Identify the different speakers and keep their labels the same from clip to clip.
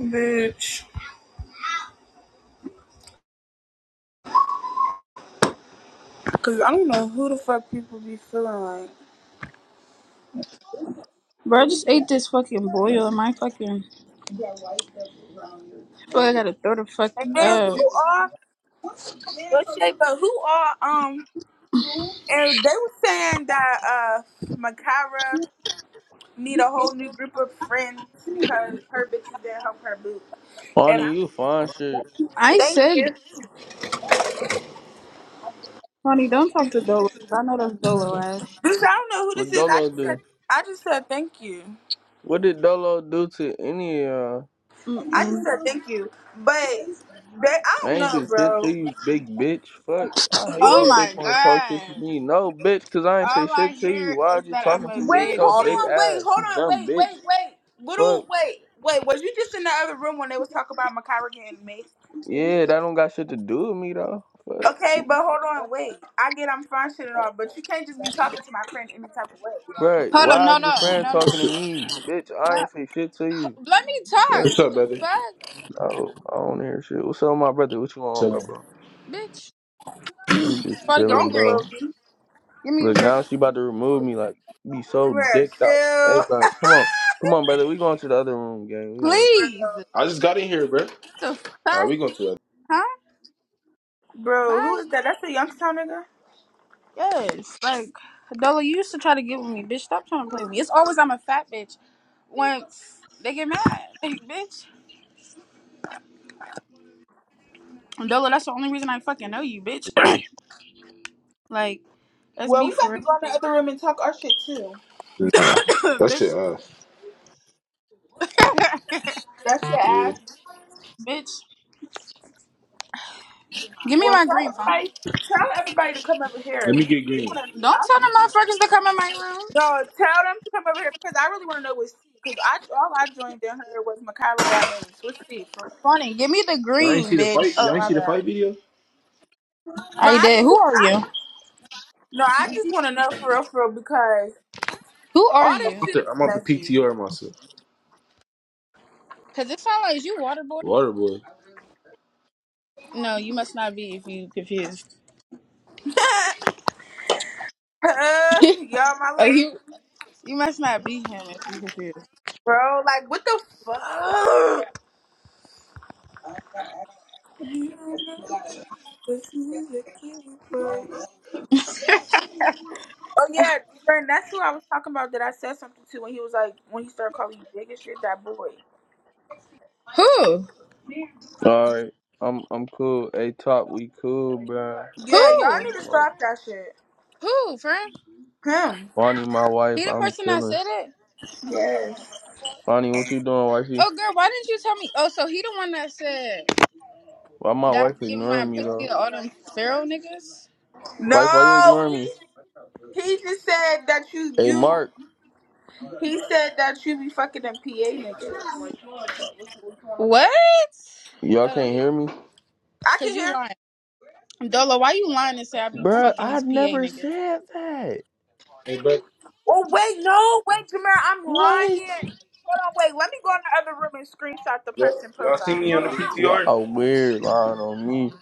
Speaker 1: Bitch. Cause I don't know who the fuck people be feeling like.
Speaker 2: Bro, I just ate this fucking boil and my fucking. I feel like I gotta throw the fuck
Speaker 1: And then who
Speaker 2: up.
Speaker 1: are no shade, but who are um and they were saying that uh Makara need a whole new group of friends because her bitches didn't help her boo. And I
Speaker 3: Bonnie, you fine shit.
Speaker 2: I
Speaker 1: thank
Speaker 2: said,
Speaker 1: you.
Speaker 2: honey, don't talk to Dolo. 'cause I know that's Dolo ass.
Speaker 1: Bitch, I don't know who
Speaker 3: What
Speaker 1: this is. I
Speaker 3: Dolo
Speaker 1: just said
Speaker 3: do?
Speaker 1: I just said thank you.
Speaker 3: What did Dolo do to any uh?
Speaker 1: I just
Speaker 2: Mm-mm.
Speaker 1: said thank you. But they I
Speaker 3: I
Speaker 1: don't
Speaker 3: ain't
Speaker 1: know,
Speaker 3: do shit
Speaker 1: bro.
Speaker 3: to you, big bitch. Fuck. I hate when
Speaker 2: Oh
Speaker 3: a
Speaker 1: Who
Speaker 2: my
Speaker 3: bitch wanna talk shit to
Speaker 2: god.
Speaker 3: me. No, bitch, cause I ain't say
Speaker 2: All
Speaker 3: shit
Speaker 2: I
Speaker 3: to you.
Speaker 2: hear
Speaker 3: Why are
Speaker 2: is
Speaker 3: you
Speaker 2: that I'm
Speaker 3: talking to
Speaker 2: a
Speaker 3: me
Speaker 1: Wait,
Speaker 3: with
Speaker 2: big
Speaker 3: your
Speaker 1: hold
Speaker 3: big
Speaker 1: on,
Speaker 2: bitch.
Speaker 1: wait,
Speaker 3: ass?
Speaker 1: hold
Speaker 3: You
Speaker 1: on,
Speaker 3: dumb
Speaker 1: wait,
Speaker 3: bitch.
Speaker 1: wait, wait.
Speaker 3: Fuck.
Speaker 1: Little, wait, wait. Was you just in the other room when they was talking about Makara getting mixed?
Speaker 3: Yeah, that don't got shit to do with me though. Fuck.
Speaker 1: Okay, but hold on, wait. I get I'm fine shit and all, but you can't just be talking to my friend any type of way.
Speaker 3: Bruh,
Speaker 2: Hold on,
Speaker 3: why
Speaker 2: no,
Speaker 3: is your
Speaker 2: no,
Speaker 3: friend
Speaker 2: no,
Speaker 3: talking
Speaker 2: no.
Speaker 3: to me? Bitch, I
Speaker 2: No.
Speaker 3: ain't say shit to you.
Speaker 2: Let me talk.
Speaker 3: Fuck.
Speaker 4: What's
Speaker 2: What
Speaker 4: up,
Speaker 2: the
Speaker 4: baby?
Speaker 2: fuck,
Speaker 3: No, I don't hear shit. What's up, my brother? What you on,
Speaker 4: Chilling.
Speaker 3: bro, bro?
Speaker 2: bitch?
Speaker 3: I'm just
Speaker 2: Father, give
Speaker 3: chilling,
Speaker 2: me
Speaker 1: Don't
Speaker 3: bro.
Speaker 2: green.
Speaker 1: blow me.
Speaker 2: Give me your
Speaker 3: Look, now
Speaker 2: green.
Speaker 3: she about to remove me. Like, be so
Speaker 1: Bruh,
Speaker 3: dicked out. Hey,
Speaker 1: chill.
Speaker 3: bro, come on, come on, brother. We going to the other room, gang. We gonna let you.
Speaker 1: Bro,
Speaker 2: Please.
Speaker 4: I just got in here, bro.
Speaker 2: The
Speaker 4: All right,
Speaker 2: fuck?
Speaker 4: we going to
Speaker 2: Huh?
Speaker 1: bro, who
Speaker 2: Bye.
Speaker 1: is that? That's a Youngstown nigga?
Speaker 2: Yes, like Dola, you used to try to get with me, bitch. Stop trying to play with me. It's always I'm a fat bitch. Once they get mad, like bitch. Dola, that's the only reason I fucking know you, bitch. like, let's
Speaker 1: Well,
Speaker 2: be
Speaker 1: we about
Speaker 2: for
Speaker 1: to go in the other room and talk our shit too.
Speaker 4: it. Nah,
Speaker 2: real,
Speaker 4: that shit
Speaker 2: bitch.
Speaker 4: ass.
Speaker 1: That's your
Speaker 4: Yeah.
Speaker 1: ass.
Speaker 2: bitch, give me
Speaker 1: Well,
Speaker 2: my
Speaker 1: tell
Speaker 2: green phone.
Speaker 1: everybody, tell everybody to come over
Speaker 4: Let me
Speaker 1: here.
Speaker 4: get green.
Speaker 2: Don't tell them motherfuckers to come in my room.
Speaker 1: No, tell them to come over here because I really want to know what's tea. Because I all I joined and heard was Makara got mace. What's tea for? real?
Speaker 2: Funny, give me the
Speaker 4: Y'all ain't
Speaker 2: green,
Speaker 4: see the fight?
Speaker 2: bitch.
Speaker 4: Y'all
Speaker 1: Oh
Speaker 4: ain't
Speaker 1: my
Speaker 4: see the
Speaker 1: bad.
Speaker 4: fight video?
Speaker 1: No,
Speaker 2: I
Speaker 1: I
Speaker 2: did.
Speaker 1: just
Speaker 2: Who
Speaker 1: want
Speaker 2: are
Speaker 1: I
Speaker 2: you?
Speaker 1: no, I just want to know for real, for real because
Speaker 2: Who are
Speaker 1: all
Speaker 4: I'm
Speaker 1: this
Speaker 2: you?
Speaker 4: off
Speaker 1: shit
Speaker 4: the
Speaker 1: is
Speaker 4: I'm off the
Speaker 1: messy.
Speaker 4: PTR myself.
Speaker 2: Cause it sound like is you Waterboy.
Speaker 4: Water boy.
Speaker 2: No, you must not be if you confused.
Speaker 1: uh, y'all, my
Speaker 2: like
Speaker 1: little
Speaker 2: you, you must not be him if you confused.
Speaker 1: bro, like what the fuck? You don't know what the fuck you looking for. Oh yeah, friend, that's who I was talking about that I said something to when he was like when he started calling you big and shit. That boy.
Speaker 2: Who?
Speaker 3: All right, I'm I'm cool. Hey, top, we cool, bro. I
Speaker 1: Yeah,
Speaker 3: don't
Speaker 1: y'all
Speaker 2: Who?
Speaker 3: know,
Speaker 1: need to
Speaker 3: smoke.
Speaker 1: stop that shit.
Speaker 2: Who, friend?
Speaker 1: Him.
Speaker 3: Bonnie, my
Speaker 2: He
Speaker 3: wife,
Speaker 2: the
Speaker 3: I'm
Speaker 2: person that
Speaker 3: chilling.
Speaker 2: said it?
Speaker 1: Yes.
Speaker 3: Bonnie, what you doing, wifey?
Speaker 2: Oh, girl, why didn't you tell me? Oh, so he the one that said
Speaker 3: Why my
Speaker 2: that I
Speaker 3: wife
Speaker 2: be giving my
Speaker 3: ignoring me
Speaker 2: pussy
Speaker 3: though?
Speaker 2: to all them feral niggas?
Speaker 3: Wife, why you
Speaker 1: No,
Speaker 3: ignoring me?
Speaker 1: he he just said that you
Speaker 3: Hey,
Speaker 1: you
Speaker 3: Mark,
Speaker 1: he said that you be fucking them PA niggas.
Speaker 2: What?
Speaker 3: y'all
Speaker 2: Hold on, let
Speaker 3: can't
Speaker 2: me.
Speaker 3: hear me,
Speaker 1: I
Speaker 2: Cause
Speaker 1: can
Speaker 2: you
Speaker 1: hear you.
Speaker 2: lying, Dolo. Why you lying and say I be
Speaker 3: Bro,
Speaker 2: fucking
Speaker 3: I
Speaker 2: these PA
Speaker 3: never
Speaker 2: niggas?
Speaker 3: said that.
Speaker 4: Hey, bro.
Speaker 1: Oh wait, no, wait, Jameer, I'm
Speaker 3: What?
Speaker 1: lying. Hold on, wait, let me go in the other room and screenshot the
Speaker 4: Y'all,
Speaker 1: person
Speaker 4: y'all seen
Speaker 1: profile.
Speaker 4: me
Speaker 1: Hold
Speaker 4: on the
Speaker 1: on.
Speaker 4: PTR?
Speaker 3: Y'all weird lying on me.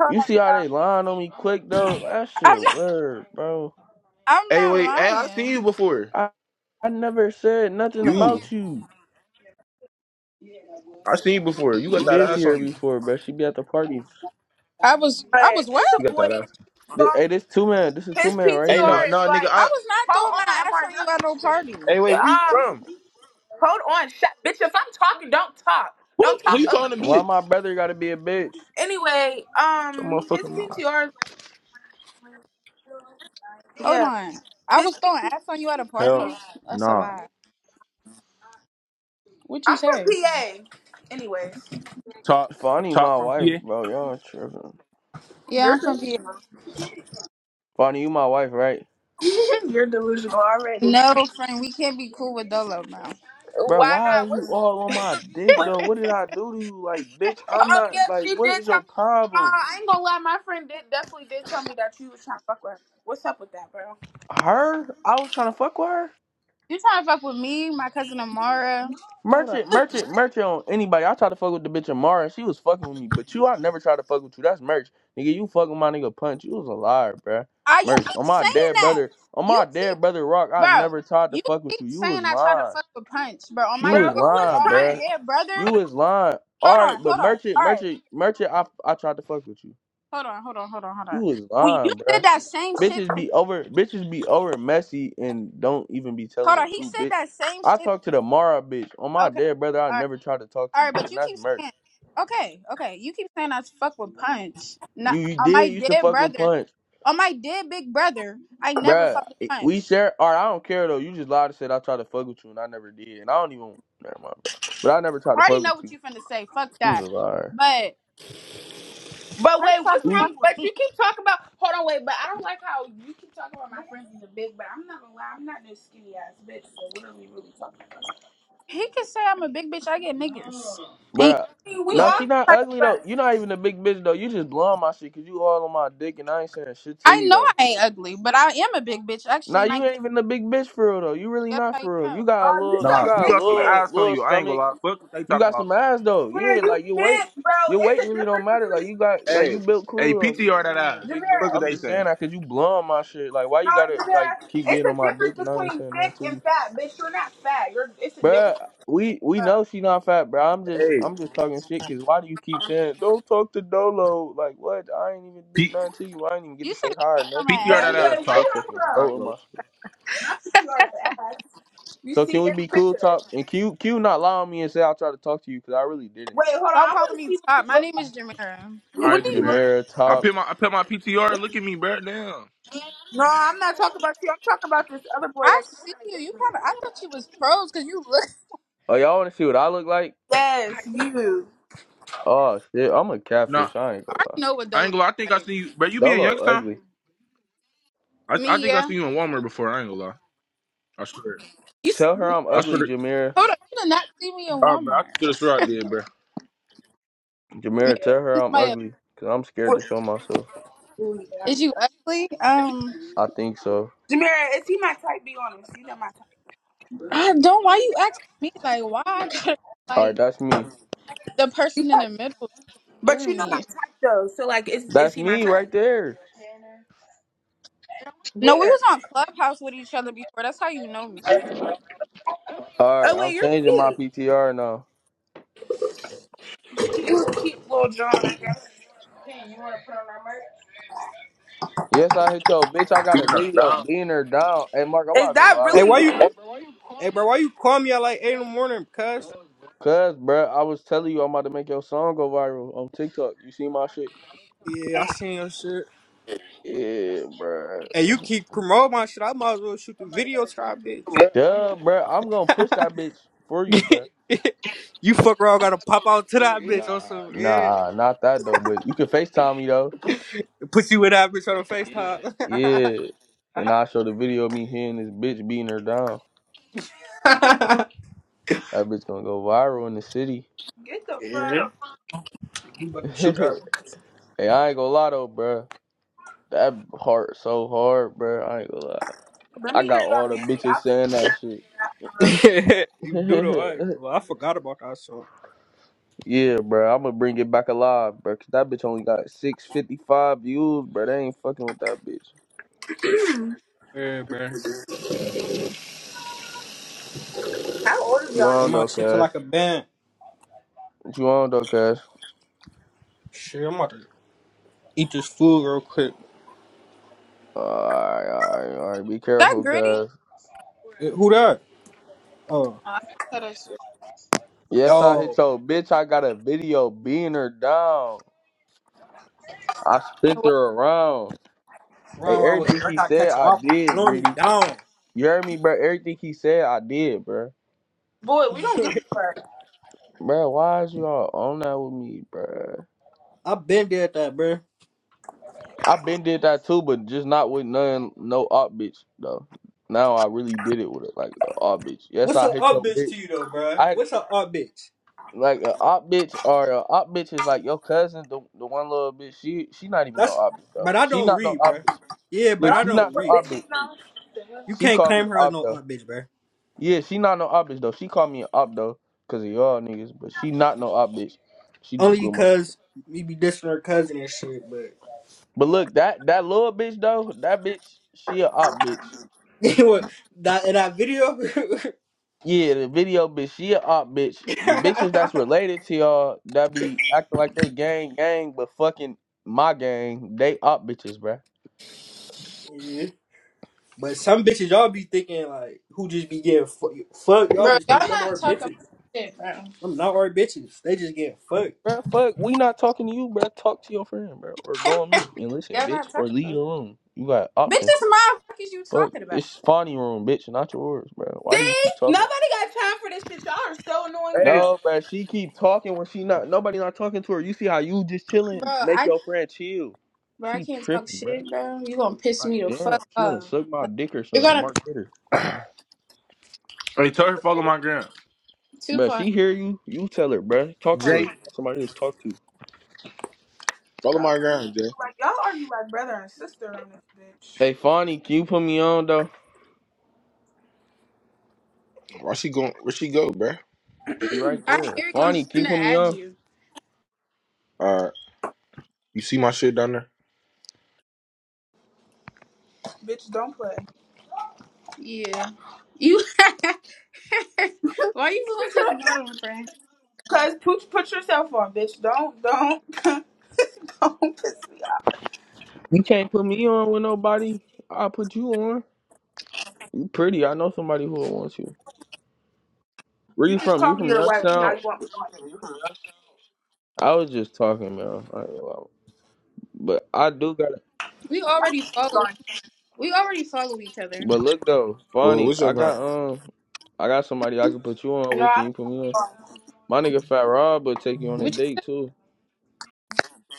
Speaker 1: Hold
Speaker 3: You
Speaker 1: on,
Speaker 3: see how they
Speaker 1: y'all.
Speaker 3: lying on me quick though? That
Speaker 2: I'm
Speaker 3: shit
Speaker 2: not.
Speaker 3: weird, bro.
Speaker 2: I'm
Speaker 4: Hey,
Speaker 2: not
Speaker 4: wait. Hey, I seen you
Speaker 2: lying.
Speaker 4: before.
Speaker 3: I, I never said nothing
Speaker 2: Who?
Speaker 4: You.
Speaker 3: about you.
Speaker 4: I seen you before. You got
Speaker 3: You
Speaker 4: that
Speaker 3: did see
Speaker 4: ass
Speaker 3: her
Speaker 4: on you.
Speaker 3: before, bro. She be at the parties.
Speaker 2: I was. I
Speaker 1: But
Speaker 2: was what?
Speaker 1: it's a
Speaker 4: You got
Speaker 1: boy
Speaker 4: that ass.
Speaker 3: Th- Hey, this two man. This is two
Speaker 1: his
Speaker 3: man right
Speaker 4: Hey, no,
Speaker 3: here.
Speaker 1: PTR
Speaker 4: no,
Speaker 1: is
Speaker 4: nigga.
Speaker 1: like
Speaker 2: I
Speaker 4: I.
Speaker 2: was not throwing
Speaker 1: Hold
Speaker 2: my
Speaker 1: on,
Speaker 2: ass
Speaker 1: Mark,
Speaker 2: on
Speaker 1: get out
Speaker 2: you at
Speaker 1: the
Speaker 2: no
Speaker 1: kitchen, baby.
Speaker 2: party.
Speaker 4: Hey, wait. Where you
Speaker 1: Um,
Speaker 4: from?
Speaker 1: hold on, shut, bitch. If I'm talking, don't talk. Don't
Speaker 4: Who, who
Speaker 1: talk
Speaker 4: you
Speaker 1: over.
Speaker 4: calling a
Speaker 3: Why
Speaker 4: bitch?
Speaker 3: my brother gotta be a bitch?
Speaker 1: Anyway,
Speaker 4: Some
Speaker 1: um, his
Speaker 4: motherfucking mom.
Speaker 1: PTR, is- like,
Speaker 2: Hold
Speaker 1: yeah.
Speaker 2: on. I
Speaker 1: His,
Speaker 2: was throwing ass on you at a party.
Speaker 4: Hell.
Speaker 2: That's a
Speaker 4: Nah.
Speaker 2: lie. What you
Speaker 1: I'm from
Speaker 2: say?
Speaker 1: PA. Anyways,
Speaker 4: Top.
Speaker 3: Fonny, my
Speaker 4: Top from
Speaker 3: wife,
Speaker 4: PA.
Speaker 3: bro. Y'all tripping.
Speaker 2: Yeah,
Speaker 1: you're
Speaker 2: I'm from PA.
Speaker 1: delusional.
Speaker 3: Fonny, you my wife, right?
Speaker 1: you're delusional already.
Speaker 2: No, friend, we can't be cool with Dolo now.
Speaker 3: Bro,
Speaker 1: Why
Speaker 3: why
Speaker 1: not?
Speaker 3: is you
Speaker 1: What's
Speaker 3: all on
Speaker 1: what's
Speaker 3: my
Speaker 1: the beef
Speaker 3: dick
Speaker 1: with? him?
Speaker 3: though? What did I do to you? Like, bitch, I'm
Speaker 1: Oh
Speaker 3: not.
Speaker 1: yeah,
Speaker 3: Like,
Speaker 1: she did
Speaker 3: what is
Speaker 1: tell
Speaker 3: your
Speaker 1: me. Nah,
Speaker 3: problem?
Speaker 1: I ain't gonna lie. My friend did definitely did tell me that you was trying to fuck with her. What's up with that, bro?
Speaker 3: Her? I was trying to fuck with her.
Speaker 2: You trying to fuck with me, my cousin Amara? Hold on.
Speaker 3: Merchant, merchant, merchant on anybody. I tried to fuck with the bitch Amara. She was fucking with me. But you, I never tried to fuck with you. That's merch. Nigga, you fucking my nigga punch. You was a liar, bruh.
Speaker 2: Ah, you
Speaker 3: Merch. On
Speaker 2: keep
Speaker 3: my
Speaker 2: saying
Speaker 3: dead
Speaker 2: that.
Speaker 3: brother, on
Speaker 2: You
Speaker 3: my dead
Speaker 2: keep,
Speaker 3: brother Rock, I
Speaker 2: bro.
Speaker 3: never tried to
Speaker 2: You
Speaker 3: fuck with
Speaker 2: keep
Speaker 3: you. You
Speaker 2: saying
Speaker 3: was
Speaker 2: I try to
Speaker 3: lying.
Speaker 2: fuck with Punch, bro. On
Speaker 3: You
Speaker 2: my,
Speaker 1: Bro,
Speaker 3: was
Speaker 1: who
Speaker 2: de- bro,
Speaker 1: was
Speaker 3: lying,
Speaker 2: on my
Speaker 1: trying?
Speaker 3: bruh.
Speaker 2: dead brother.
Speaker 3: You was lying.
Speaker 2: Hold on,
Speaker 3: Alright, but
Speaker 2: hold on.
Speaker 3: merchant,
Speaker 2: All right,
Speaker 3: merchant, merchant, I I tried to fuck with you.
Speaker 2: hold on, hold on, hold on, hold
Speaker 3: You
Speaker 2: on.
Speaker 3: was
Speaker 2: When you
Speaker 3: lying, bruh
Speaker 2: said that same shit to
Speaker 3: bitches
Speaker 2: me,
Speaker 3: be over bitches be over messy and don't even be telling
Speaker 2: hold
Speaker 3: the
Speaker 2: on. He
Speaker 3: truth,
Speaker 2: said
Speaker 3: bitch.
Speaker 2: that same
Speaker 3: I
Speaker 2: shit.
Speaker 3: talked to the Mara bitch. On my
Speaker 2: Okay,
Speaker 3: dead brother, I
Speaker 2: all right.
Speaker 3: never tried to talk to
Speaker 2: All right,
Speaker 3: you,
Speaker 2: but
Speaker 3: and
Speaker 2: you
Speaker 3: that's
Speaker 2: keep
Speaker 3: merch.
Speaker 2: saying okay, okay. You keep saying I fuck with punch. Not
Speaker 3: You you
Speaker 2: on my
Speaker 3: did used to
Speaker 2: dead
Speaker 3: fuck with
Speaker 2: brother.
Speaker 3: punch.
Speaker 2: On my dead big brother, I never
Speaker 3: Bruh,
Speaker 2: fuck with
Speaker 3: it- we
Speaker 2: punch.
Speaker 3: share all right, I don't care though. You just lied and said I tried to fuck with you and I never did. And I don't even never mind, bro. But I never tried
Speaker 2: I
Speaker 3: to
Speaker 2: already
Speaker 3: fuck with
Speaker 2: know
Speaker 3: you.
Speaker 2: what you finna say. Fuck
Speaker 3: You was
Speaker 2: that.
Speaker 3: a liar.
Speaker 2: But
Speaker 1: But
Speaker 2: punch
Speaker 1: wait,
Speaker 2: tried
Speaker 1: what's
Speaker 2: to
Speaker 3: You
Speaker 2: fuck
Speaker 1: wrong?
Speaker 2: with
Speaker 1: But
Speaker 2: me.
Speaker 1: you keep talking about. Hold on, wait. But I don't like how you keep talking about my friends is a big. But I'm not gonna lie. I'm not no skinny ass bitch. So what are we really talking about? I
Speaker 2: He could say I'm a big bitch. I get niggas. Ain't
Speaker 3: bruh.
Speaker 1: mean, We
Speaker 3: No,
Speaker 1: all.
Speaker 3: she not
Speaker 2: like,
Speaker 3: ugly though.
Speaker 1: But
Speaker 3: you not even a big bitch though. You just blowing my shit cause you all on my dick and I ain't saying shit to
Speaker 2: I
Speaker 3: you
Speaker 2: know
Speaker 3: though.
Speaker 2: I ain't ugly, but I am a big bitch
Speaker 3: Now
Speaker 2: actually, and I
Speaker 3: you ain't
Speaker 2: get
Speaker 3: even a big bitch for real though. You really
Speaker 2: guess
Speaker 3: not
Speaker 2: how you
Speaker 3: for real.
Speaker 2: know.
Speaker 3: You got a
Speaker 1: oh, you
Speaker 3: little, you
Speaker 1: some
Speaker 4: Nah, you
Speaker 3: got a
Speaker 1: thick
Speaker 4: got some
Speaker 1: shit.
Speaker 3: little,
Speaker 4: ass on
Speaker 3: little
Speaker 4: you. I ain't gonna
Speaker 3: stomach.
Speaker 4: lie. Fuck what they
Speaker 3: You
Speaker 4: talk
Speaker 3: got
Speaker 4: about.
Speaker 3: some ass though.
Speaker 1: Where
Speaker 3: Yeah,
Speaker 1: you
Speaker 3: like your weight,
Speaker 1: can't, bro.
Speaker 3: your
Speaker 1: It's
Speaker 3: weight
Speaker 1: a
Speaker 3: really don't
Speaker 1: difference
Speaker 3: matter. Like
Speaker 1: between
Speaker 3: you got, like
Speaker 4: Hey,
Speaker 3: you built
Speaker 4: hey,
Speaker 3: cool though.
Speaker 4: PTR that
Speaker 3: You ain't a
Speaker 4: ass.
Speaker 3: big bitch.
Speaker 4: Fuck
Speaker 1: Jamira.
Speaker 4: what
Speaker 3: I'm
Speaker 4: they
Speaker 3: just
Speaker 4: saying.
Speaker 3: saying that cause you blow on my shit. Like why you gotta
Speaker 1: No,
Speaker 3: like
Speaker 1: Jamira.
Speaker 3: keep
Speaker 1: It's
Speaker 3: being on
Speaker 1: a
Speaker 3: my
Speaker 1: difference
Speaker 3: dick and I ain't
Speaker 1: between
Speaker 3: saying nothing
Speaker 1: thick
Speaker 3: to
Speaker 1: and
Speaker 3: you,
Speaker 1: fat, bitch. You're not fat. You're. It's a difference.
Speaker 3: Bruh, We we know she not fat, bro. I'm just
Speaker 4: Hey,
Speaker 3: I'm just talking shit. Cause why do you keep saying don't talk to Dolo? Like what? I ain't even do
Speaker 4: P-
Speaker 3: nothing to you. I ain't even get to
Speaker 2: You
Speaker 3: say
Speaker 2: said
Speaker 3: hi or
Speaker 2: on my
Speaker 3: nothing. You
Speaker 1: But
Speaker 4: PTR
Speaker 3: just
Speaker 4: that
Speaker 2: ass.
Speaker 3: straight
Speaker 4: ass
Speaker 1: anyway, where
Speaker 4: talk.
Speaker 3: dick
Speaker 1: y'all
Speaker 3: sucking,
Speaker 1: from?
Speaker 4: I
Speaker 3: throwing
Speaker 4: ain't gonna
Speaker 3: my
Speaker 4: lie.
Speaker 3: shit.
Speaker 1: I think you are the ass. You
Speaker 3: So
Speaker 1: see
Speaker 3: can we
Speaker 1: this
Speaker 3: be
Speaker 1: picture?
Speaker 3: cool, Top? And Q, Q not lie on me and say I tried to talk to you because I really didn't.
Speaker 1: Wait, hold on.
Speaker 2: Stop
Speaker 1: I
Speaker 2: calling
Speaker 1: want to
Speaker 2: me
Speaker 1: see what you
Speaker 2: top. My
Speaker 1: look
Speaker 2: name
Speaker 1: like.
Speaker 2: is Jamira.
Speaker 4: All
Speaker 1: What
Speaker 4: right,
Speaker 1: do you look
Speaker 4: Jameer.
Speaker 3: Jamera,
Speaker 4: I
Speaker 1: like?
Speaker 3: Top.
Speaker 4: put my I put my PTR. Look at me, bro. Damn.
Speaker 1: No, I'm not talking about you. I'm talking about this other boy
Speaker 2: I
Speaker 1: that keeps
Speaker 2: see you. You
Speaker 1: trying to
Speaker 2: kind of. I thought you was pros because you look.
Speaker 3: Oh, y'all want to see what I look like?
Speaker 1: get me. Yes, you.
Speaker 3: Oh shit, I'm a
Speaker 4: Nah,
Speaker 3: catfish. I ain't
Speaker 2: I
Speaker 3: gonna
Speaker 2: already
Speaker 3: lie.
Speaker 2: know what
Speaker 4: I
Speaker 2: those
Speaker 4: ain't
Speaker 2: look
Speaker 4: gonna lie. I think I
Speaker 2: like.
Speaker 4: see you, bro. You be in
Speaker 3: Dolo
Speaker 4: Youngstown?
Speaker 3: ugly.
Speaker 4: I I
Speaker 2: Me,
Speaker 4: think I
Speaker 2: yeah.
Speaker 4: seen you in Walmart before. I ain't gonna lie. I swear.
Speaker 2: You s-
Speaker 3: Tell her
Speaker 2: hold
Speaker 3: I'm
Speaker 4: I
Speaker 3: ugly,
Speaker 4: swear. To,
Speaker 3: Jamera.
Speaker 2: on. You did not see me in
Speaker 4: all right, bro. I
Speaker 2: Walmart.
Speaker 4: could have swear I did, bro.
Speaker 2: Maybe
Speaker 3: Jamera, tell her
Speaker 2: it's
Speaker 3: I'm
Speaker 2: my
Speaker 3: ugly because I'm scared to
Speaker 1: What's
Speaker 3: show myself.
Speaker 1: ooh, yeah.
Speaker 2: is you ugly? Um,
Speaker 3: I think so.
Speaker 1: Jamira, is he my type? Be honest. You know my type.
Speaker 2: I don't. Why you asking me? Like, why I gotta
Speaker 3: All right,
Speaker 2: like
Speaker 3: that's me.
Speaker 2: the
Speaker 1: You
Speaker 2: person in
Speaker 1: type-
Speaker 2: the middle
Speaker 1: But
Speaker 2: hear
Speaker 1: you know my
Speaker 2: me?
Speaker 1: type though. So like, is is
Speaker 3: That's
Speaker 1: he my
Speaker 3: me
Speaker 1: type?
Speaker 3: right there.
Speaker 2: No, we
Speaker 1: Where?
Speaker 2: was on Clubhouse with each other before. That's how you know me.
Speaker 3: All
Speaker 1: Oh
Speaker 3: right,
Speaker 1: wait,
Speaker 3: I'm
Speaker 1: you're
Speaker 3: changing my
Speaker 1: cute.
Speaker 3: PTR now.
Speaker 1: You a cute little John. I guess.
Speaker 3: Yes, I hit yo bitch. I got a
Speaker 4: Beating up
Speaker 3: video
Speaker 4: down.
Speaker 3: beating her down. Hey, Mark, I'm about
Speaker 1: Is
Speaker 3: to go
Speaker 1: that
Speaker 5: Hey,
Speaker 3: viral.
Speaker 5: why
Speaker 1: really
Speaker 5: you?
Speaker 1: you?
Speaker 5: Hey, bro, why you call me at like eight in the morning? Cuz
Speaker 3: Cause, bro, I was telling you I'm about to make your song go viral on TikTok. You see my shit?
Speaker 5: yeah, I seen your shit.
Speaker 3: Yeah, bro.
Speaker 5: Hey, you keep promoting my shit. I might as well shoot the video to that bitch.
Speaker 3: Duh, bro. I'm gonna push that bitch for you, bro.
Speaker 5: you fuck around, gotta pop out to that bitch or
Speaker 4: Nah.
Speaker 5: some yeah.
Speaker 3: Nah, not that though. But you can Facetime me though.
Speaker 5: Put you with that bitch on a
Speaker 3: Yeah, and
Speaker 5: FaceTime.
Speaker 3: I'll show the video of me hitting this bitch beating her down. That bitch gonna go viral in the city.
Speaker 1: Get the fuck.
Speaker 5: yeah, we about to shoot
Speaker 3: hey, I ain't gonna lie though, bro. That hurt so hard, bro. I ain't gonna lie.
Speaker 1: Let
Speaker 3: I
Speaker 1: me hear
Speaker 3: got
Speaker 1: y'all
Speaker 3: all the
Speaker 1: music.
Speaker 3: bitches
Speaker 1: I'll tell
Speaker 3: saying that
Speaker 1: y'all after
Speaker 5: that. you do though.
Speaker 3: shit.
Speaker 5: I, ain't gonna lie. I forgot about that song.
Speaker 3: Yeah, bro, I'm gonna bring it back alive, bro. Cause that bitch only got 655 views, bro. They ain't fucking with that bitch.
Speaker 5: Yeah, bro.
Speaker 1: that, How old are
Speaker 3: What you
Speaker 1: y'all
Speaker 5: Get
Speaker 3: on
Speaker 5: my
Speaker 3: though,
Speaker 1: niggas?
Speaker 5: shit to
Speaker 3: cuz?
Speaker 5: like a band.
Speaker 3: What you on though, cuz?
Speaker 5: Shit, I'm about to eat this food real quick.
Speaker 3: Alright, alright, alright. Be
Speaker 2: that
Speaker 3: careful,
Speaker 2: gritty?
Speaker 3: cuz.
Speaker 5: Eh, Who that? Oh,
Speaker 2: Oh, I can tell that shit.
Speaker 3: Yes, I
Speaker 5: yo.
Speaker 3: hit your bitch. I got a video beating her down. I spent her
Speaker 2: What?
Speaker 3: around. Hey,
Speaker 5: Wrong, wrong with
Speaker 3: everything
Speaker 5: it. Like
Speaker 3: he
Speaker 5: I
Speaker 3: said,
Speaker 5: catch her
Speaker 3: I
Speaker 5: up. I'm
Speaker 3: did,
Speaker 5: blowing you
Speaker 3: greedy.
Speaker 5: down.
Speaker 3: You heard me, bro? Everything he said, I did, bro.
Speaker 1: Boy, we don't give a fuck.
Speaker 3: Bro, why is you all on that with me, bro?
Speaker 5: I've been there at that, bro.
Speaker 3: I been did that too, but just not with none no op bitch though. Now I really did it with it like a op bitch. Yes,
Speaker 5: What's
Speaker 3: I
Speaker 5: her
Speaker 3: hit
Speaker 5: up
Speaker 3: your
Speaker 5: bitch
Speaker 3: bitch.
Speaker 5: to you though, bro?
Speaker 3: I had
Speaker 5: What's her up bitch?
Speaker 3: like a op bitch or a op bitch is like your cousin, the the one little bitch. She she not even no
Speaker 5: That's
Speaker 3: op bitch though.
Speaker 5: but I
Speaker 3: She
Speaker 5: don't
Speaker 3: not no
Speaker 5: read, bro.
Speaker 3: op bitch.
Speaker 5: Yeah, but
Speaker 3: Look,
Speaker 5: I
Speaker 1: Y'all
Speaker 3: she
Speaker 1: think
Speaker 5: don't
Speaker 3: not no
Speaker 1: what
Speaker 5: read.
Speaker 3: op bitch.
Speaker 1: bitches know.
Speaker 5: You
Speaker 3: She
Speaker 5: can't
Speaker 3: called me
Speaker 5: claim
Speaker 3: an
Speaker 5: her as
Speaker 3: op
Speaker 5: no
Speaker 3: though.
Speaker 5: up bitch, bro.
Speaker 3: Yeah, she not no op bitch though. She called me an op though, cause of y'all niggas. But she not no op bitch. She just
Speaker 5: Only
Speaker 3: blew my.
Speaker 5: because you be dissing her cousin and shit. But
Speaker 3: But look, that that little bitch though, that bitch, she a op bitch.
Speaker 5: what that in that video?
Speaker 3: Yeah, the video bitch, she a op bitch. The bitches that's related to y'all that be acting like they gang gang, but fucking my gang, they op bitches, bruh.
Speaker 5: yeah. But some bitches y'all be thinking like who just be getting fu- fucked. Y'all
Speaker 2: Bro,
Speaker 5: just think
Speaker 2: y'all
Speaker 5: them
Speaker 2: not
Speaker 5: are
Speaker 2: talking about
Speaker 5: bitches.
Speaker 2: shit, bro.
Speaker 5: I'm not our bitches. They just getting fucked.
Speaker 3: Bruh, fuck, we not talking to you, bruh. Talk to your friend, bruh. Or go on mute and listen,
Speaker 2: Y'all
Speaker 3: bitch.
Speaker 2: not
Speaker 3: Or
Speaker 2: talking
Speaker 3: leave
Speaker 2: about.
Speaker 3: the room. You got
Speaker 2: Bitch,
Speaker 3: options.
Speaker 2: it's my fuck is you
Speaker 3: Fuck,
Speaker 2: talking about?
Speaker 3: it's Fonny room, bitch, not yours, bruh. Why do you
Speaker 1: See?
Speaker 3: keep talking?
Speaker 1: Nobody got time for this shit. Y'all are so annoying,
Speaker 4: Hey,
Speaker 1: bro.
Speaker 3: No, bruh, she keep talking when she not nobody not talking to her. You see how you just
Speaker 2: Bro,
Speaker 3: chilling, make
Speaker 2: I
Speaker 3: your friend chill.
Speaker 2: Bro, I
Speaker 3: She
Speaker 2: can't talk
Speaker 3: tripping, bruh.
Speaker 2: shit, bro. You gonna piss
Speaker 3: Like
Speaker 2: me the fuck
Speaker 3: damn, she wanna
Speaker 2: off.
Speaker 3: suck my
Speaker 2: Like,
Speaker 3: dick or
Speaker 2: you're
Speaker 3: something.
Speaker 2: gonna
Speaker 3: Mark hit her.
Speaker 4: hey, tell her follow my gram.
Speaker 2: too
Speaker 3: Bruh,
Speaker 2: far.
Speaker 3: she hear you. You tell her, bruh. Talk to her.
Speaker 4: Jay,
Speaker 3: Somebody to talk to.
Speaker 1: Y'all
Speaker 4: follow
Speaker 1: are
Speaker 4: my gram, Jay.
Speaker 1: like y'all argue like brother and sister on this bitch.
Speaker 3: Hey, Fonny, can you put me on though?
Speaker 4: Where she going? Where she go, bro?
Speaker 3: She right
Speaker 2: I
Speaker 3: there.
Speaker 2: hear you. I'm
Speaker 3: Fonny, can you
Speaker 2: gonna
Speaker 3: put me
Speaker 2: add
Speaker 3: on?
Speaker 2: you.
Speaker 4: All right. You see my shit down there?
Speaker 1: Bitch, don't play.
Speaker 2: Yeah. You. Why you going to the bottom, friend?
Speaker 1: Cause put put yourself on, bitch. Don't don't don't piss me off.
Speaker 3: You can't put me on with nobody. I'll put you on. You pretty. I know somebody who will want you. Where
Speaker 1: You
Speaker 3: you
Speaker 1: just
Speaker 3: from? You
Speaker 1: call me
Speaker 3: from
Speaker 1: your wife. Now
Speaker 3: Youngstown?
Speaker 1: you want me on.
Speaker 3: I was just talking, man. I ain't gonna lie. But I do got.
Speaker 2: We already follow.
Speaker 1: on.
Speaker 2: We already follow each other.
Speaker 3: But look though,
Speaker 4: Well,
Speaker 3: Fonny,
Speaker 4: what's your
Speaker 3: I got
Speaker 4: grind?
Speaker 3: um, I got somebody I can put you on
Speaker 1: No,
Speaker 3: with. Can
Speaker 1: I don't
Speaker 3: you put
Speaker 1: want
Speaker 3: me on? My nigga Fat Rob will take you on a
Speaker 2: Which,
Speaker 3: date too.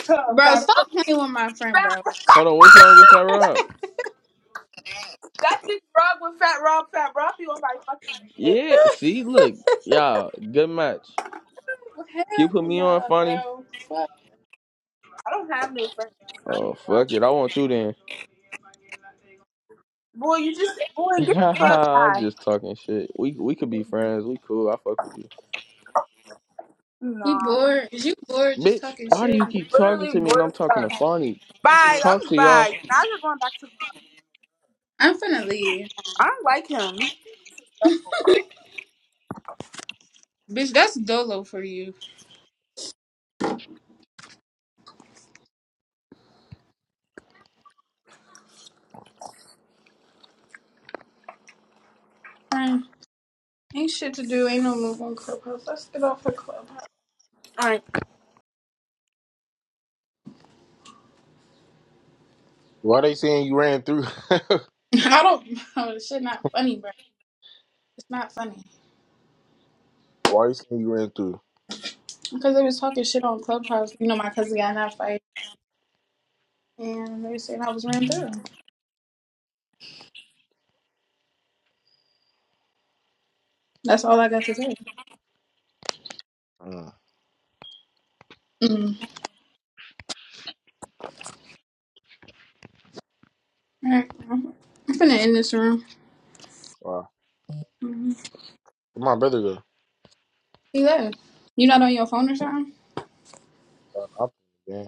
Speaker 1: to put on.
Speaker 2: bro,
Speaker 1: Fat
Speaker 2: stop
Speaker 1: Rob,
Speaker 2: playing with my friend,
Speaker 1: fat,
Speaker 2: bro.
Speaker 3: Hold on, what's wrong with Fat Rob?
Speaker 1: that big rug with Fat Rob, Fat Rob, you on my fucking dick.
Speaker 3: Yeah,
Speaker 1: Like,
Speaker 3: see, look, y'all, good match. Can you put
Speaker 2: Hell
Speaker 3: me on,
Speaker 2: nah,
Speaker 3: funny?
Speaker 2: bro. Fuck.
Speaker 1: I don't have no friends. I don't know
Speaker 3: Oh
Speaker 1: why
Speaker 3: fuck
Speaker 1: to
Speaker 3: it, I
Speaker 1: you.
Speaker 3: want you then.
Speaker 1: Boy, you just, boy, get the fuck
Speaker 3: I'm
Speaker 1: bye.
Speaker 3: just talking shit. We we could be friends. We cool. I fuck with you,
Speaker 2: He
Speaker 1: Nah.
Speaker 2: bored. Is you bored just
Speaker 3: bitch.
Speaker 2: talking
Speaker 3: Why do you
Speaker 2: shit?
Speaker 3: keep talking
Speaker 1: Literally,
Speaker 3: to me and
Speaker 1: bored as
Speaker 3: I'm talking to
Speaker 1: fuck.
Speaker 3: Farney?
Speaker 1: Bye,
Speaker 3: Talk
Speaker 1: I'm
Speaker 3: to y'all
Speaker 1: bye. Now you're going back to the
Speaker 2: I'm finna leave.
Speaker 1: I don't like
Speaker 2: Bitch, that's dolo for you. friend. Ain't shit to do. Ain't no move on Clubhouse. Let's get off of Clubhouse.
Speaker 1: him.
Speaker 4: Why they saying you ran through?
Speaker 2: I don't. know, this shit not funny, bro. It's not funny
Speaker 4: Why you saying you ran through?
Speaker 2: because they was talking shit on Clubhouse. You know, my cousin got in that fight, and they were saying I was ran through. That's all I got to say.
Speaker 4: Mm,
Speaker 2: Mm. All right, I'm I'm finna end this room.
Speaker 4: wow.
Speaker 2: Mhm.
Speaker 4: Where my brother
Speaker 2: He left. You not on your phone or something?
Speaker 4: go? Uh,